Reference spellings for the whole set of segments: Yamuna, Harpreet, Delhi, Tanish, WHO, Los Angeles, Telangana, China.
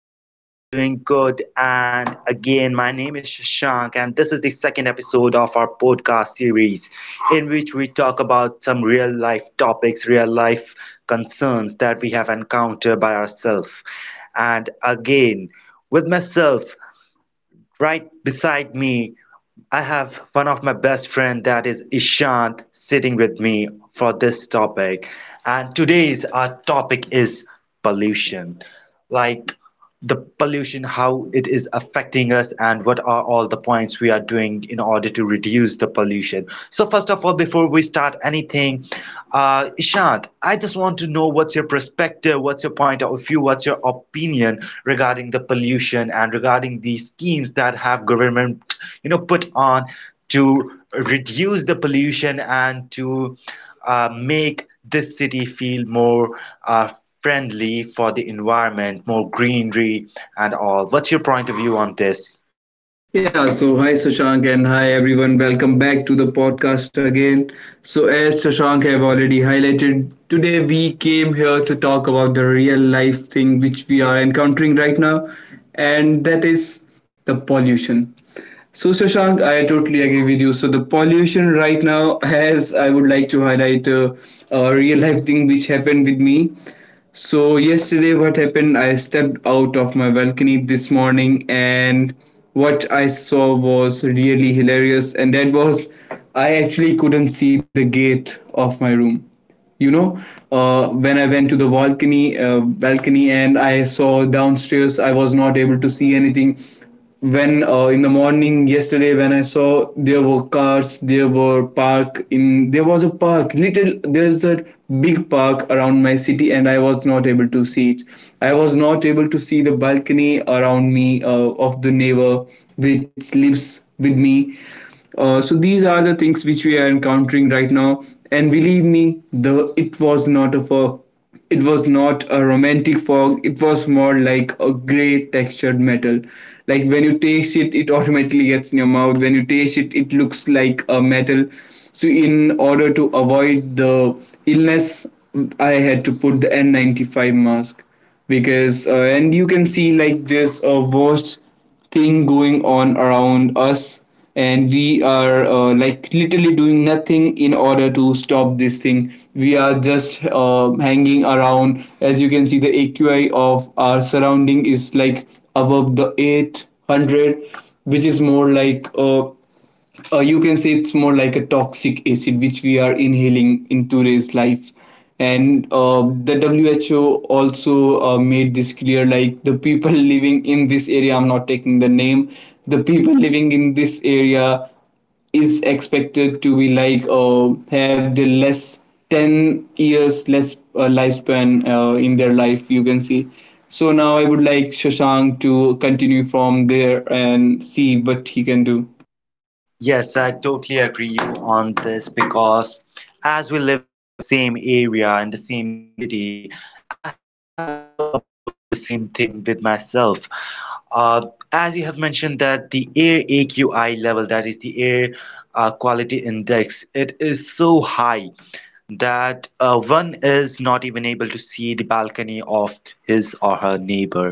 Hope you all are doing good. And again, my name is Shashank, and this is the second episode of our podcast series in which we talk about some real life topics, real life concerns that we have encountered by ourselves. And again, with myself right beside me I have one of my best friend that is Ishant sitting with me for this topic. And today's our topic is pollution. Like the pollution, how it is affecting us, and what are all the points we are doing in order to reduce the pollution. So, first of all, before we start anything, Ishant, I just want to know what's your perspective, what's your point of view, what's your opinion regarding the pollution and regarding these schemes that have government, put on to reduce the pollution and to make this city feel more uh, friendly for the environment, more greenery and all. What's your point of view on this? Yeah, so hi Shashank and hi everyone. Welcome back to the podcast again. So as Shashank have already highlighted, today we came here to talk about the real life thing which we are encountering right now, and that is the pollution. So Shashank, I totally agree with you. So the pollution right now as I would like to highlight a real life thing which happened with me. So yesterday what happened, I stepped out of my balcony this morning, and what I saw was really hilarious, and that was I actually couldn't see the gate of my room. You know, when I went to the balcony and I saw downstairs, I was not able to see anything, when in the morning yesterday, when I saw there were cars, there were park in, there was a park, little, there's a big park around my city, and I was not able to see it. I was not able to see the balcony around me, of the neighbor which lives with me. So these are the things which we are encountering right now, and believe me, the it was not of a it was not a romantic fog. It was more like a gray textured metal. Like when you taste it, it automatically gets in your mouth. When you taste it, it looks like a metal. So in order to avoid the illness, I had to put the N95 mask, because and you can see like this worst thing going on around us. And we are like literally doing nothing in order to stop this thing. We are just hanging around. As you can see, the AQI of our surrounding is like above the 800, which is more like, you can say it's more like a toxic acid which we are inhaling in today's life. And the who also made this clear, like the people living in this area, I'm not taking the name, the people living in this area is expected to be like, have the less 10 years less lifespan in their life, you can see. So now I would like Shashank to continue from there and see what he can do. Yes, I totally agree you on this because as we live in the same area in the same city, I have also observed the same thing with myself. Uh, as you have mentioned that the air AQI level, that is the air quality index, it is so high. That one is not even able to see the balcony of his or her neighbor.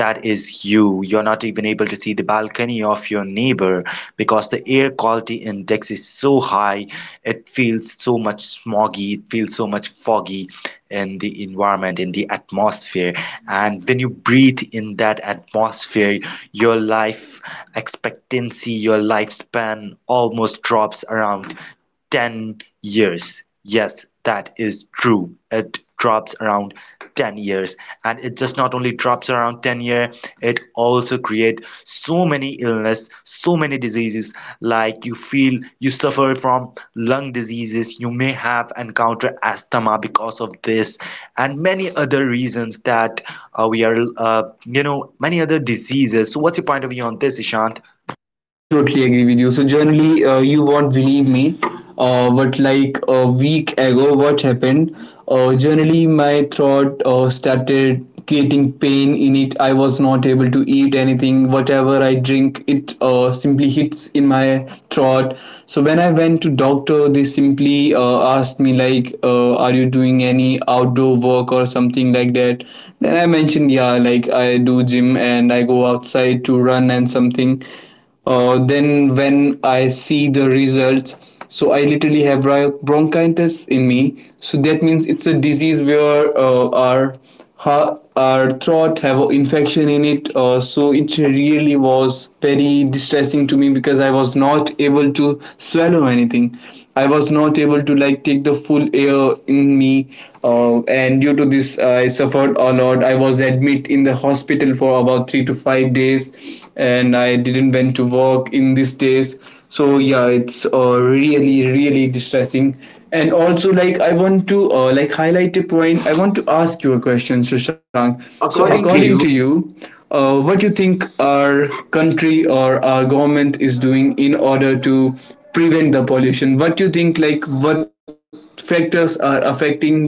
That is you. You're not even able to see the balcony of your neighbor because the air quality index is so high. It feels so much smoggy, it feels so much foggy in the environment, in the atmosphere. And when you breathe in that atmosphere, your life expectancy, your lifespan almost drops around 10 years. Yes, that is true. It drops around 10 years, and it just not only drops around 10 year, it also create so many illness, so many diseases, like you feel you suffer from lung diseases, you may have encountered asthma because of this and many other reasons that we are, you know, many other diseases. So what's your point of view on this, ishant? Yeah, I totally agree with you. So generally, you won't believe me, but like a week ago, what happened? Generally, my throat started creating pain in it. I was not able to eat anything. Whatever I drink, it simply hits in my throat. So when I went to doctor, they simply asked me like, "Are you doing any outdoor work or something like that?" Then I mentioned, "Yeah, like I do gym and I go outside to run and something." Then when I see the results, so I literally have bronchitis in me. So that means it's a disease where our throat have an infection in it. So it really was very distressing to me, because I was not able to swallow anything. I was not able to like take the full air in me. And due to this, I suffered a lot. I was admit in the hospital for about 3 to 5 days, and I didn't went to work in these days. So yeah, it's really really distressing. And also like I want to like highlight a point. I want to ask you a question, Shashank. So, yes, So according, yes, according to to you, you, what do you think our country or our government is doing in order to prevent the pollution? What do you think, like what factors are affecting the pol-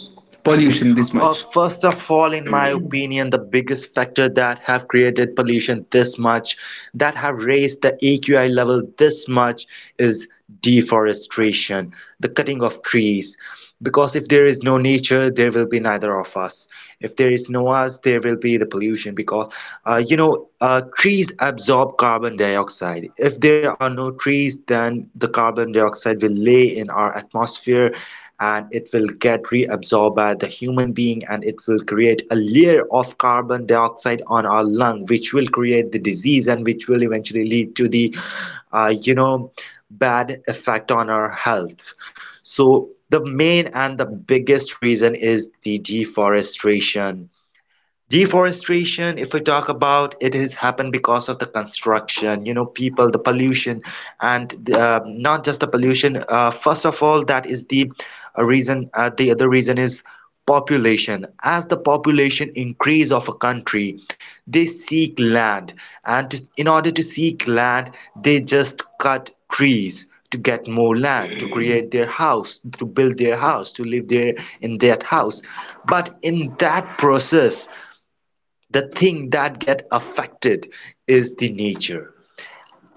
pollution this much? First of all, in my opinion, the biggest factor that have created pollution this much, that have raised the AQI level this much, is deforestation, the cutting of trees. Because if there is no nature, there will be neither of us. If there is no us, there will be the pollution. Because trees absorb carbon dioxide. If there are no trees, then the carbon dioxide will lay in our atmosphere, and it will get reabsorbed by the human being, and it will create a layer of carbon dioxide on our lung, which will create the disease and which will eventually lead to the uh, you know, bad effect on our health. So, the main and the biggest reason is the deforestation. Deforestation, if we talk about it, has happened because of the construction, you know, people, the pollution, and the, not just the pollution. First of all, that is the reason. The other reason is population. As the population increase of a country, they seek land, and in order to seek land, they just cut trees to get more land to create their house, to build their house, to live there in that house. But in that process, the thing that get affected is the nature,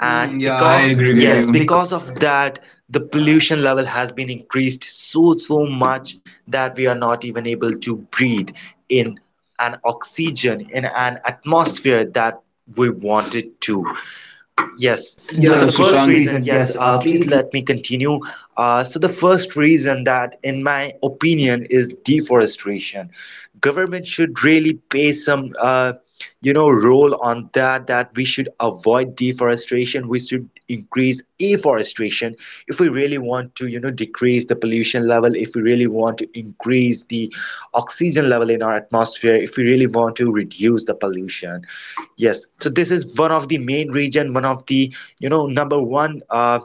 and Mm, yeah, yeah, I I because Because- agree agree with with yes, yes you. you. Bec- Because of that the pollution level has been increased so so much that we are not even able to breathe in an oxygen in an atmosphere that we wanted to. Yes. yes. Yeah, the Yeah, so, yeah, the first first Shashank Shashank. reason, Reason, yes. yes, please. please let me continue. So the first reason that, in my opinion, is deforestation. Government should really pay some, role on that. That we should avoid deforestation. We should increase afforestation if we really want to, you know, decrease the pollution level, if we really want to increase the oxygen level in our atmosphere, if we really want to reduce the pollution. Yes, so this is one of the main reason, one of the, you know, number one uh,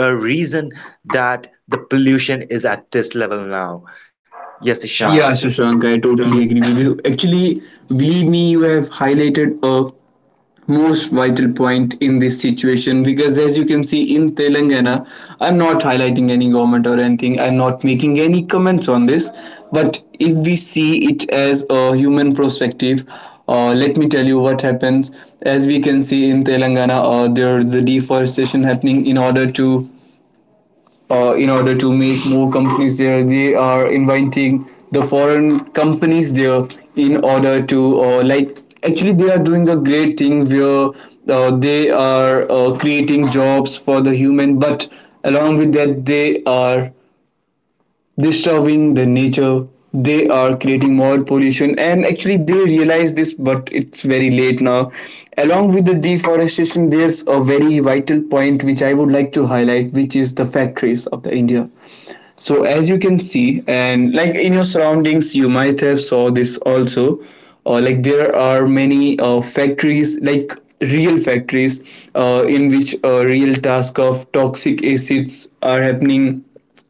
uh reason that the pollution is at this level now. Yes, Yes, ishan. Ishan. Yeah, Yeah, Shashank, Shashank, I. I totally agree with you. Actually, believe me, you have highlighted a most vital point in this situation, because as you can see in Telangana, I'm not highlighting any government or anything. I'm not making any comments on this. But if we see it as a human perspective, let me tell you what happens. As we can see in Telangana, there's the deforestation happening in order to make more companies there. They are inviting the foreign companies there in order to, like, actually they are doing a great thing where they are creating jobs for the human, but along with that they are disturbing the nature. They are creating more pollution, and actually they realize this, but it's very late now. Along with the deforestation, there's a very vital point which I would like to highlight, which is the factories of the India. So as you can see, and like in your surroundings you might have saw this also, like there are many factories, like real factories, in which a real task of toxic acids are happening,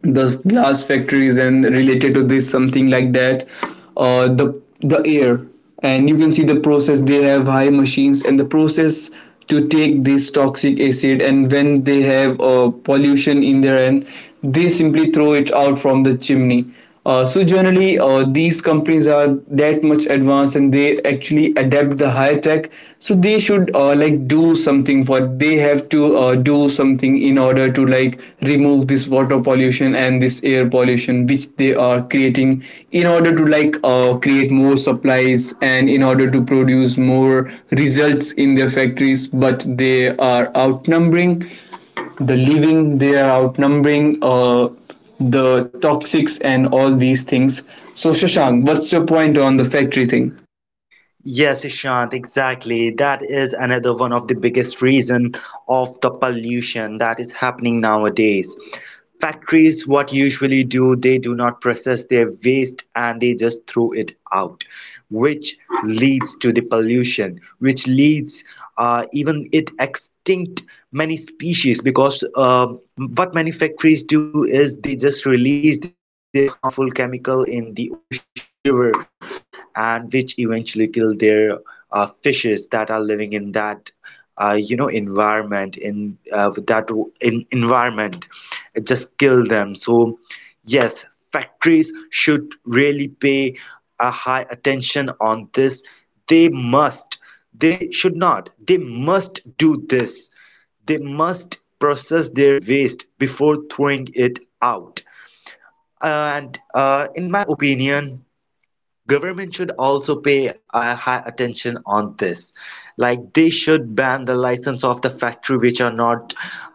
the glass factories and related to this something like that. The air, and you can see the process. They have high machines, and the process to take this toxic acid, and when they have pollution in their end, they simply throw it out from the chimney. So generally, these companies are that much advanced, and they actually adapt the high tech. So they should, like, do something for. They have to do something in order to like remove this water pollution and this air pollution, which they are creating in order to like, create more supplies, and in order to produce more results in their factories. But they are outnumbering the living. They are outnumbering. The toxics and all these things. So Shashank, what's your point on the factory thing? Yes, Ishant, exactly. That is another one of the biggest reason of the pollution that is happening nowadays. Factories, what usually do, they do not process their waste and they just throw it out, which leads to the pollution, which leads, even it extinct many species. Because what many factories do is they just release their harmful chemical in the ocean, in the river, and which eventually kill their fishes that are living in that, environment, in with that w- in environment, it just kill them. So yes, factories should really pay a high attention on this. They must, they should not, they must do this. They must process their waste before throwing it out. And in my opinion, government should also pay high attention on this. Like they should ban the license of the factory which are not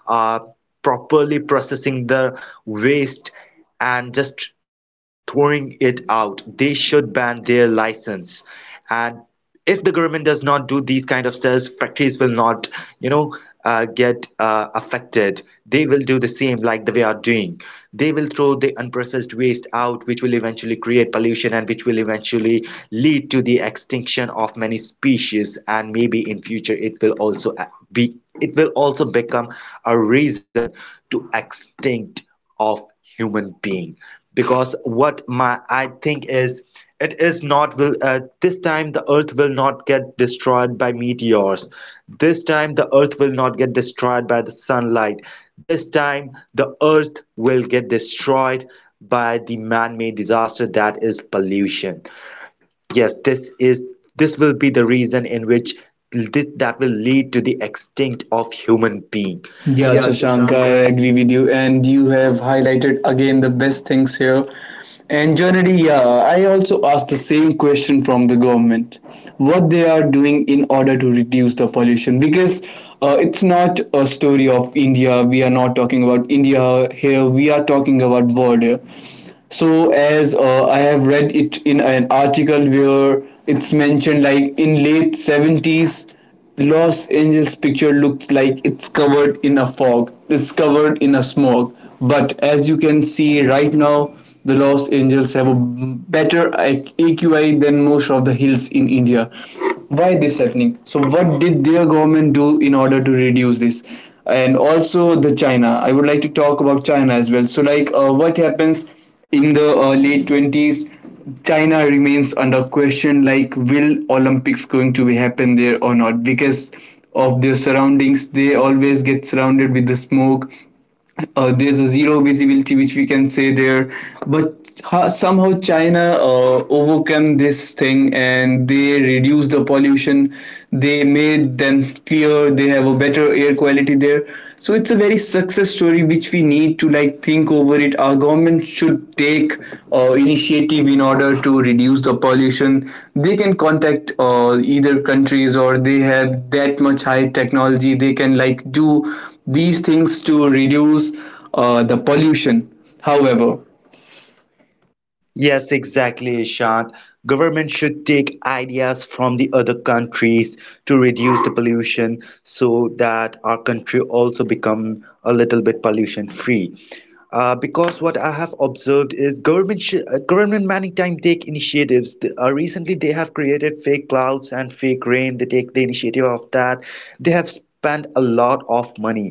uh, properly processing the waste and just throwing it out. They should ban their license. And if the government does not do these kind of stuff, factories will not, you know, get affected. They will do the same like the way are doing. They will throw the unprocessed waste out, which will eventually create pollution and which will eventually lead to the extinction of many species. And maybe in future, it will also be it will also become a reason to extinct of human being. Because what my I think is, it is not will this time the earth will not get destroyed by meteors, this time the earth will not get destroyed by the sunlight, this time the earth will get destroyed by the man-made disaster, that is pollution. Yes, this will be the reason in which that will lead to the extinct of human being. Yeah, Yeah, Shashank, Shashank, I I. agree with you, and you have highlighted again the best things here. And generally, yeah, I also asked the same question from the government, what they are doing in order to reduce the pollution, because it's not a story of India. We are not talking about India here. We are talking about world here. So, as I have read it in an article where it's mentioned, like in late seventies, Los Angeles picture looks like it's covered in a fog. It's covered in a smog. But as you can see right now, the Los Angeles have a better AQI than most of the hills in India. Why this happening? So what did their government do in order to reduce this? And also the China. I would like to talk about China as well. So like what happens in the late 20s, China remains under question, like will Olympics going to be happen there or not, because of their surroundings they always get surrounded with the smoke. There's a zero visibility, which we can say there. But somehow China overcome this thing, and they reduce the pollution. They made them clear, they have a better air quality there. So it's a very success story which we need to like think over it. Our government should take initiative in order to reduce the pollution. They can contact either countries, or they have that much high technology, they can like do these things to reduce the pollution, however. Yes, exactly, Ishant. Government should take ideas from the other countries to reduce the pollution so that our country also become a little bit pollution free. Because what I have observed is government many time take initiatives. Th- recently, they have created fake clouds and fake rain. They take the initiative of that. They have spend a lot of money.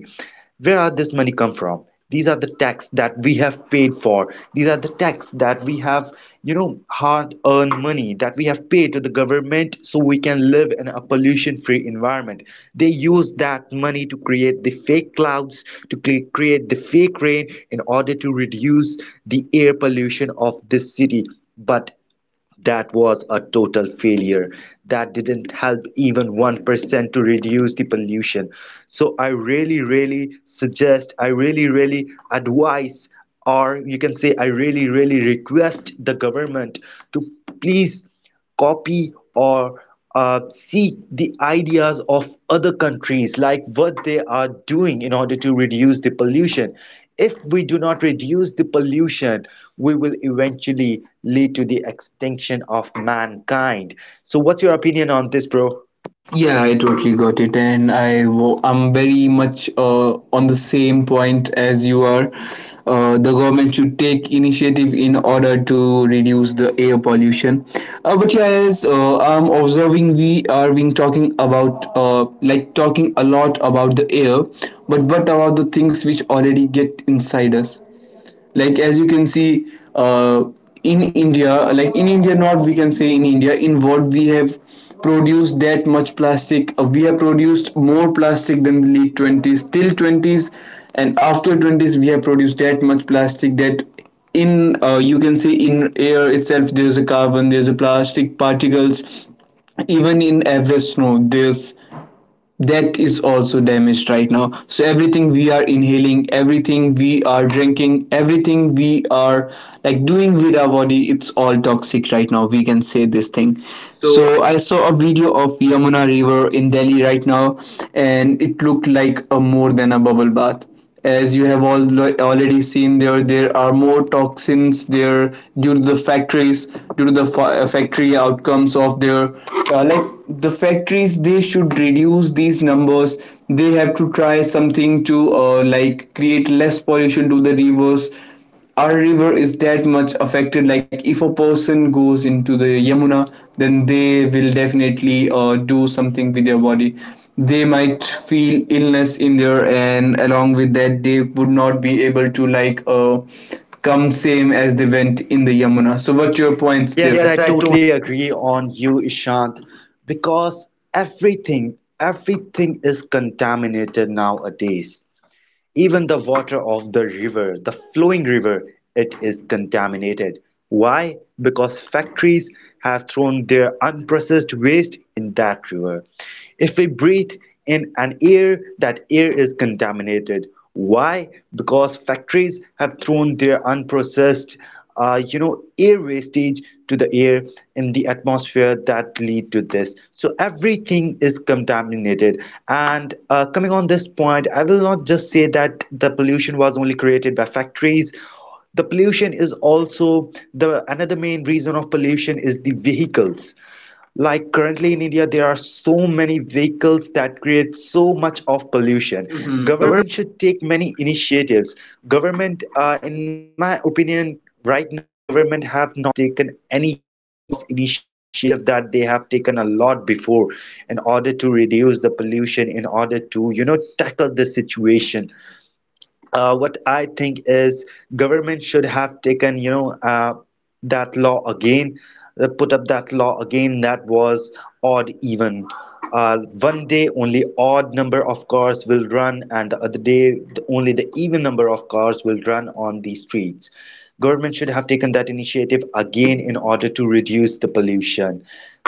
Where are this money come from? These are the tax that we have paid for, these are the tax that we have, you know, hard earned money that we have paid to the government so we can live in a pollution free environment. They use that money to create the fake clouds, to create the fake rain in order to reduce the air pollution of this city. But that was a total failure. That didn't help even 1% to reduce the pollution. So I really, really suggest, I really, really advise, or you can say, I really, really request the government to please copy or seek the ideas of other countries, like what they are doing in order to reduce the pollution. If we do not reduce the pollution, we will eventually lead to the extinction of mankind. So, what's your opinion on this, bro? Yeah, I totally got it, and I'm very much on the same point as you are. The government should take initiative in order to reduce the air pollution. But yeah, as I'm observing, we are being talking about like talking a lot about the air, but what about the things which already get inside us? Like as you can see, uh, in India, like in India, not, we can say in India, in what we have produced that much plastic. We have produced more plastic than the late 20s till 20s, and after 20s we have produced that much plastic that in, you can say in air itself there's a carbon, there's a plastic particles. Even in average snow, there's that is also damaged right now. So everything we are inhaling, everything we are drinking, everything we are like doing with our body, it's all toxic right now, we can say this thing. So I So I saw a video of Yamuna river in Delhi right now, and it looked like a more than a bubble bath. As you have all already seen there, there are more toxins there due to the factories, due to the factory outcomes of their, like the factories they should reduce these numbers. They have to try something to like create less pollution to the rivers. Our river is that much affected. Like if a person goes into the Yamuna, then they will definitely do something with their body. They might feel illness in there, and along with that, they would not be able to come same as they went in the Yamuna. So, what's your point points the there? yes, Yes, I I totally totally agree on you, Ishant, because everything, everything is contaminated nowadays. Even the water of the river, the flowing river, it is contaminated. Why? Because factories have thrown their unprocessed waste in that river. If we breathe in an air, that air is contaminated. Why? Because factories have thrown their unprocessed, air wastage to the air in the atmosphere, that lead to this. So everything is contaminated. And coming on this point, I will not just say that the pollution was only created by factories. The pollution is also the another main reason of pollution is the vehicles. Like currently in India, there are so many vehicles that create so much of pollution. share. Mhm. Mhm. Government. Government should take many initiatives. Government, in my opinion, right now, government have not taken any kind of initiative that they have taken a lot before in order to reduce the pollution, in order to, you know, tackle the situation. Uh, what I think is government should have taken, you know, that law again, put up that law again that was odd even. 1 day only odd number of cars will run, and the other day only the even number of cars will run on the streets. Government should have taken that initiative again in order to reduce the pollution.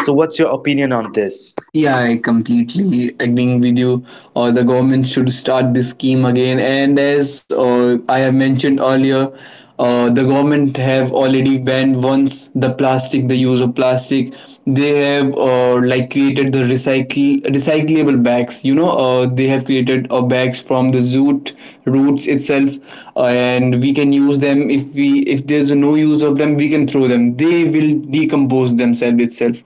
So, what's your opinion on this? Yeah, I completely agreeing with you. Or the government should start this scheme again. And as I have mentioned earlier, the government have already banned once the plastic, the use of plastic. They have like created the recycle recyclable bags. You know, they have created bags from the zoot roots itself, and we can use them if there's no use of them, we can throw through them. They will decompose themselves itself,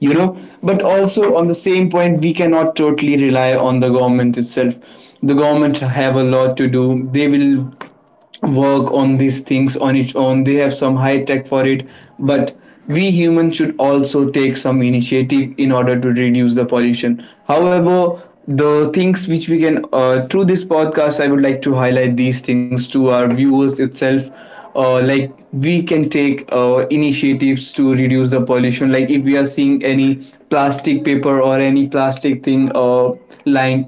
you know. But also, on the same point, we cannot totally rely on the government itself. The government have a lot to do. They will work on these things on its own. They have some high tech for it. But we humans should also take some initiative in order to reduce the pollution. However, the things which we can, through this podcast, I would like to highlight these things to our viewers itself. Like, we can take initiatives to reduce the pollution. Like, if we are seeing any plastic paper or any plastic thing lying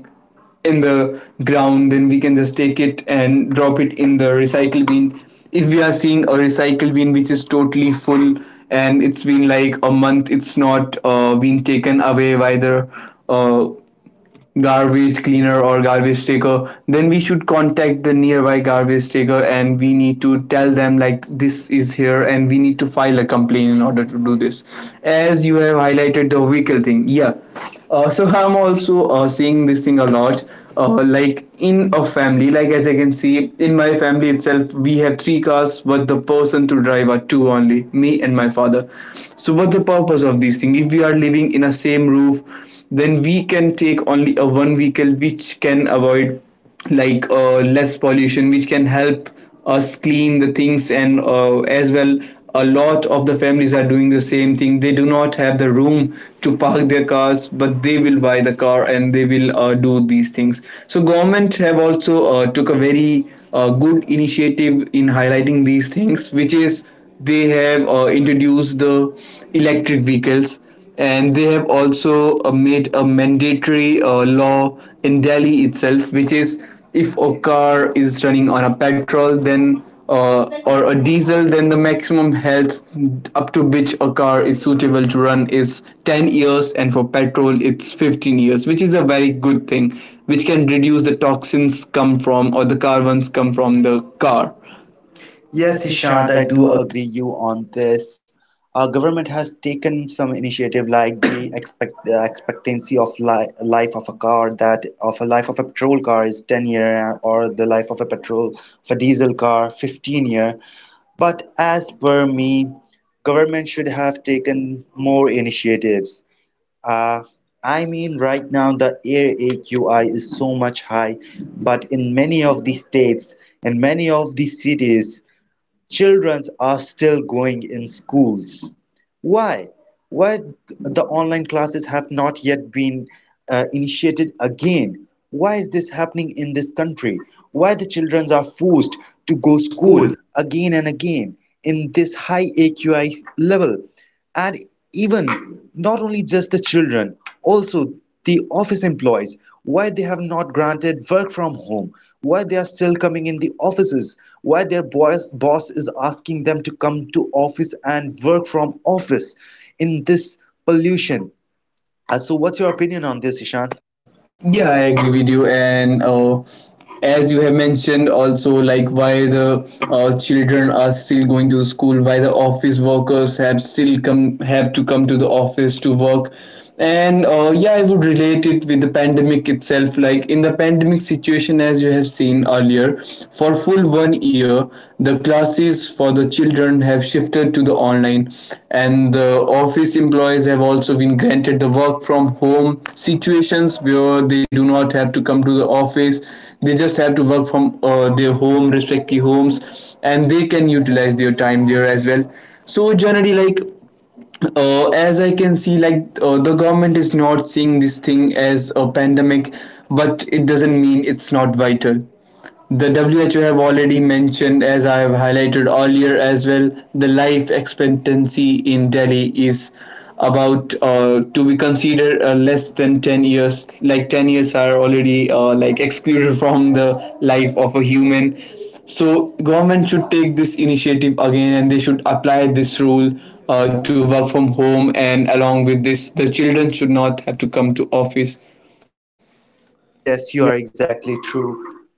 in the ground, then we can just take it and drop it in the recycle bin. If we are seeing a recycle bin which is totally full, and it's been like a month it's not been taken away by the uh, garbage cleaner or garbage taker, then we should contact the nearby garbage taker, and we need to tell them like this is here, and we need to file a complaint in order to do this. As you have highlighted the vehicle thing, yeah. So I'm also seeing this thing a lot. Like, in a family, like as I can see in my family itself, we have three cars, but the person to drive are two only, me and my father. So what's the purpose of these things if we are living in a same roof? Then we can take only a one vehicle which can avoid, less pollution, which can help us clean the things, and as well, a lot of the families are doing the same thing. They do not have the room to park their cars, but they will buy the car, and they will do these things. So government have also took a very good initiative in highlighting these things, which is they have introduced the electric vehicles, and they have also made a mandatory law in Delhi itself, which is, if a car is running on a petrol, then or a diesel, then the maximum health up to which a car is suitable to run is 10 years, and for petrol, it's 15 years, which is a very good thing, which can reduce the toxins come from or the carbons come from the car. Yes, Yes, Ishant, Ishant, I I do. Do agree you on this. Our government has taken some initiative like the expectancy of li life of a car, that of a life of a petrol car is 10 year, or the life of a diesel car 15 year. But as per me, government should have taken more initiatives. Uh, I mean, right now the air AQI is so much high, but in many of the states and many of the cities, children are still going in schools. Why? why the online classes have not yet been initiated again? Why is this happening in this country? Why the children are forced to To go go school school, again and again in this high aqi level? And even not only just the children, also the office employees, why they have not granted work from home? Why they are still coming in the offices? Why their boss is asking them to come to office and work from office in this pollution. So, what's your opinion on this, Ishan? Ishan. Yeah, I agree with you. And as you have mentioned, also like why the children are still going to the school, why the office workers have to come to the office to work. And yeah, I would relate it with the pandemic itself. Like in the pandemic situation, as you have seen earlier, for full 1 year, the classes for the children have shifted to the online, and the office employees have also been granted the work from home situations where they do not have to come to the office. They just have to work from their home, respective homes, and they can utilize their time there as well. So generally, as I can see, the government is not seeing this thing as a pandemic, but it doesn't mean it's not vital. The WHO have already mentioned, as I have highlighted earlier as well, the life expectancy in Delhi is about to be considered less than 10 years. Like 10 years are already like excluded from the life of a human. So government should take this initiative again, and they should apply this rule to work from home. And along with this, the children should not have to come to office. Yes, you are exactly true.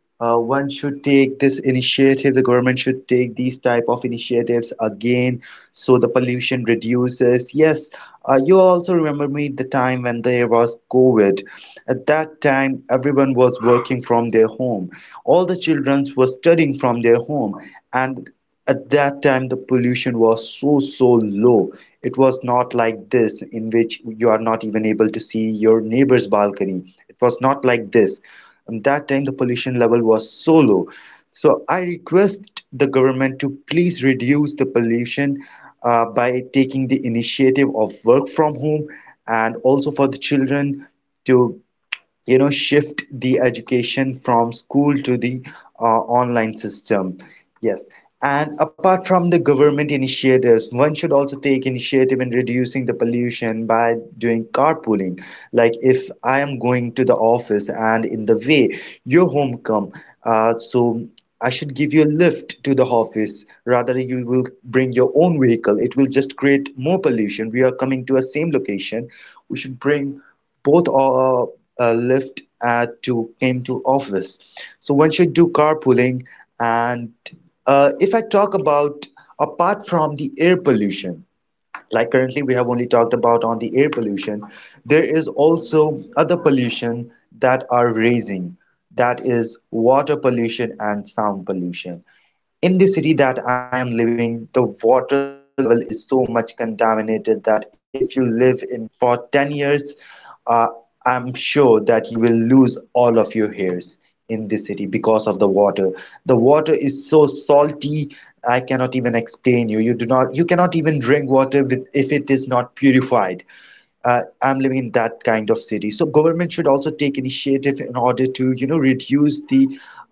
One should take this initiative. The government should take these type of initiatives again, so the pollution reduces. Yes, you also remember me the time when there was COVID. At that time, everyone was working from their home. All the children were studying from their home, and at that time the pollution was so so low. It was not like this, in which you are not even able to see your neighbor's balcony. It was not like this. And that time, the pollution level was so low. So I request the government to please reduce the pollution by taking the initiative of work from home, and also for the children to shift the education from school to the online system. Yes. And apart from the government initiatives, one should also take initiative in reducing the pollution by doing carpooling. Like if I am going to the office and in the way your home come, so I should give you a lift to the office. Rather, you will bring your own vehicle. It will just create more pollution. We are coming to a same location. We should bring both Lyft ad to came to office. So one should do carpooling. And if I talk about apart from the air pollution, like currently we have only talked about on the air pollution, there is also other pollution that are raising. That is water pollution and sound pollution. In the city that I am living, the water level is so much contaminated that if you live in for 10 years, uh, I'm sure that you will lose all of your hairs in the city because of the water. The water is so salty, I cannot even explain you. You do not, you cannot even drink water with, if it is not purified. I'm living in that kind of city. So government should also take initiative in order to, you know, reduce the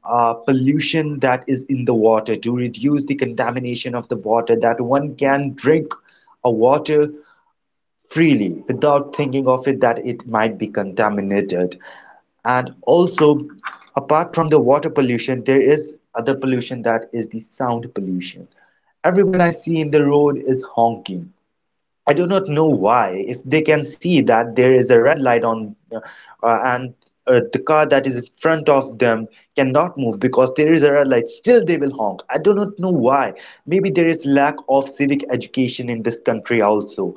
pollution that is in the water, to reduce the contamination of the water, that one can drink a water freely without thinking of it that it might be contaminated. And also, apart from the water pollution, there is other pollution that is the sound pollution. Everyone I see in the road is honking. I do not know why. If they can see that there is a red light on and the car that is in front of them cannot move because there is a red light, still they will honk. I do not know why. Maybe there is lack of civic education in this country also.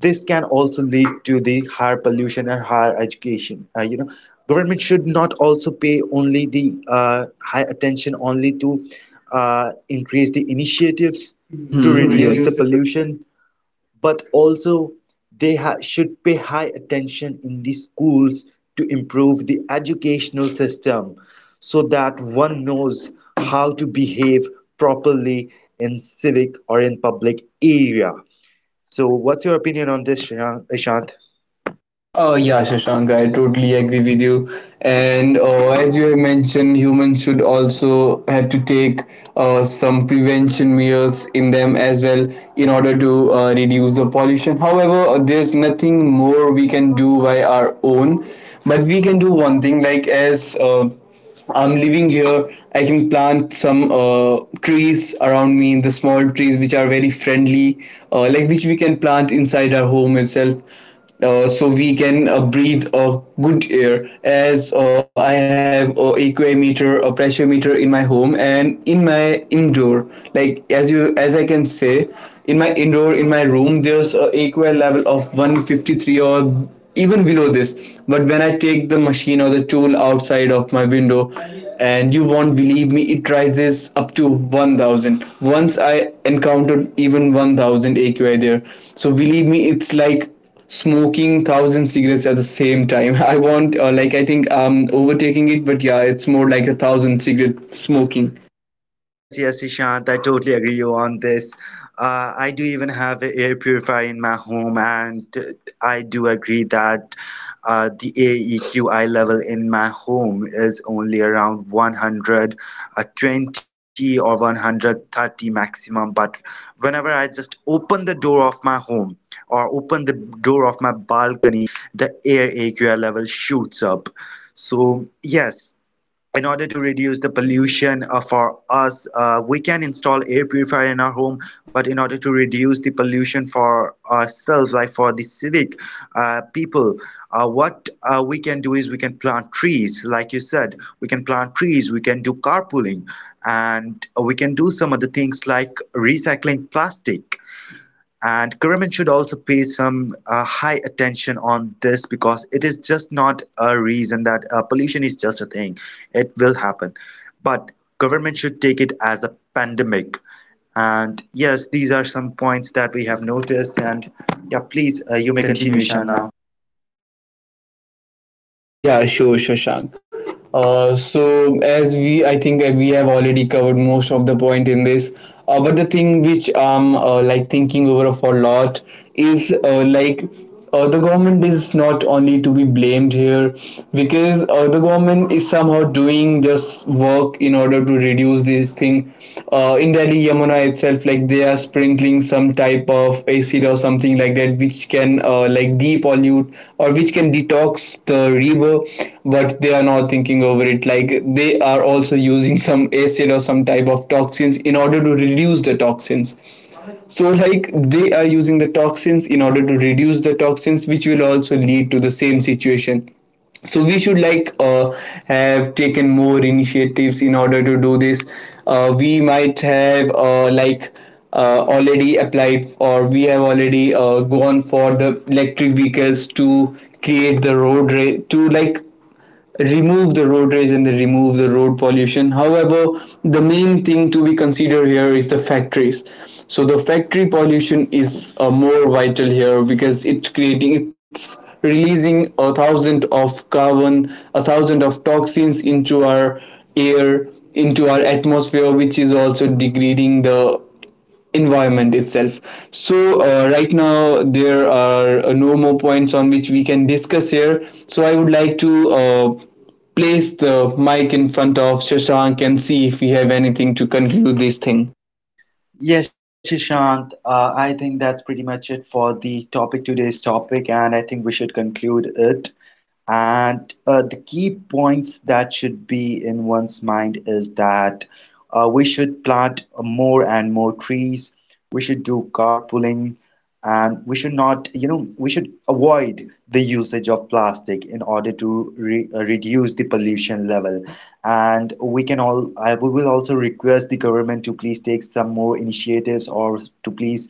This can also lead to the higher pollution and higher education. Government should not also pay only the high attention only to increase the initiatives Mm-hmm. To to reduce reduce, the yes. pollution, but also should pay high attention in the schools to improve the educational system, so that one knows how to behave properly in civic or in public area. So what's your opinion on this, ishant? Oh yeah, Shashank, I totally agree with you. And as you have mentioned, humans should also have to take some prevention measures in them as well in order to reduce the pollution. However, there's nothing more we can do by our own, but we can do one thing. Like as I'm living here, I can plant some trees around me, the small trees which are very friendly, like which we can plant inside our home itself, so we can breathe good air. As I have a aquameter, a pressure meter, in my home, and in my indoor, as I can say, in my indoor, in my room, there's a aqua level of 153 or even below this. But when I take the machine or the tool outside of my window, and you won't believe me, it rises up to 1000. Once I encountered even 1000 aqi there. So believe me, it's like smoking thousand cigarettes at the same time. I want, like, I think I'm overtaking it, but yeah, it's more like a thousand cigarette smoking. Yes, Ishant, I totally agree you on this. I do even have an air purifier in my home, and I do agree that the air EQI level in my home is only around 120 or 130 maximum. But whenever I just open the door of my home or open the door of my balcony, the air AQI level shoots up. So, yes, in order to reduce the pollution for us, we can install air purifier in our home, but in order to reduce the pollution for ourselves, like for the civic people, what we can do is we can plant trees like you said. We can plant trees, we can do carpooling, and we can do some other things like recycling plastic. And government should also pay some high attention on this, because it is just not a reason that pollution is just a thing. It will happen. But government should take it as a pandemic. And yes, these are some points that we have noticed. And yeah, please, you You may may continue, continue, Ishan, now. Shanna. Yeah, sure, Shashank. So as we, I think we have already covered most of the point in this. But the thing which I'm thinking over of a lot is the government is not only to be blamed here, because the government is somehow doing this work in order to reduce this thing. In Delhi, Yamuna itself, like they are sprinkling some type of acid or something like that, which can like deep pollute or which can detox the river. But they are not thinking over it. Like, they are also using some acid or some type of toxins in order to reduce the toxins. So like, they are using the toxins in order to reduce the toxins, which will also lead to the same situation. So we should have taken more initiatives in order to do this. We might have already applied, or we have already gone for the electric vehicles to create the to like remove the road rage, and they remove the road pollution. However, the main thing to be considered here is the factories. So the factory pollution is more vital here, because it's creating, it's releasing a thousand of carbon, a thousand of toxins into our air, into our atmosphere, which is also degrading the environment itself. So right now there are no more points on which we can discuss here. So I would like to place the mic in front of Shashank and see if we have anything to conclude this thing. Yes, Ishant, I think that's pretty much it for the topic, today's topic, and I think we should conclude it. And the key points that should be in one's mind is that we should plant more and more trees. We should do carpooling, and we should not, you know, we should avoid the usage of plastic in order to re reduce the pollution level. And we can all, I we will also request the government to please take some more initiatives, or to please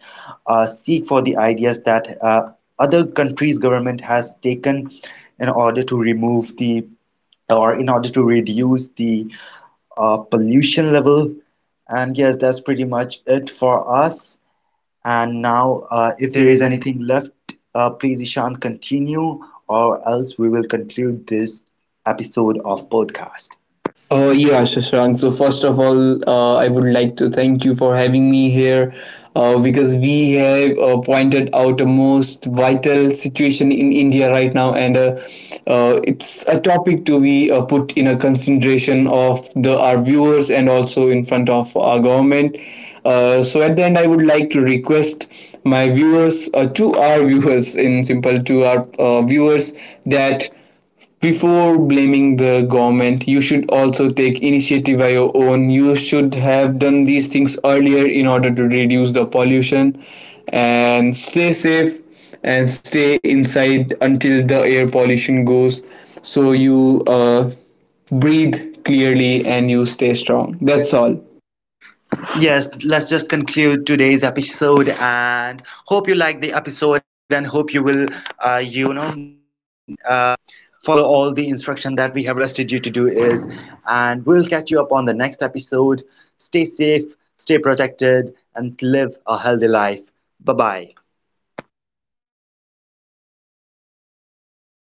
seek for the ideas that other countries' government has taken in order to remove the or in order to reduce the pollution level. And yes, that's pretty much it for us. And now, If if there there is is anything. anything left, please, Ishan, continue, or else we will conclude this episode of podcast. Oh yeah, Shashank. So first of all, I would like to thank you for having me here, because we have pointed out a most vital situation in India right now, and it's a topic to be put in a consideration of the our viewers and also in front of our government. So at the end, I would like to request my viewers, to our viewers, in simple, to our viewers, that before blaming the government, you should also take initiative by your own. You should have done these things earlier in order to reduce the pollution, and stay safe, and stay inside until the air pollution goes, so you breathe clearly and you stay strong. That's all. Yes, let's just conclude today's episode, and hope you like the episode, and hope you will, uh, you know, uh, follow all the instruction that we have requested you to do is, and we'll catch you up on the next episode. Stay safe, stay protected, and live a healthy life. Bye bye.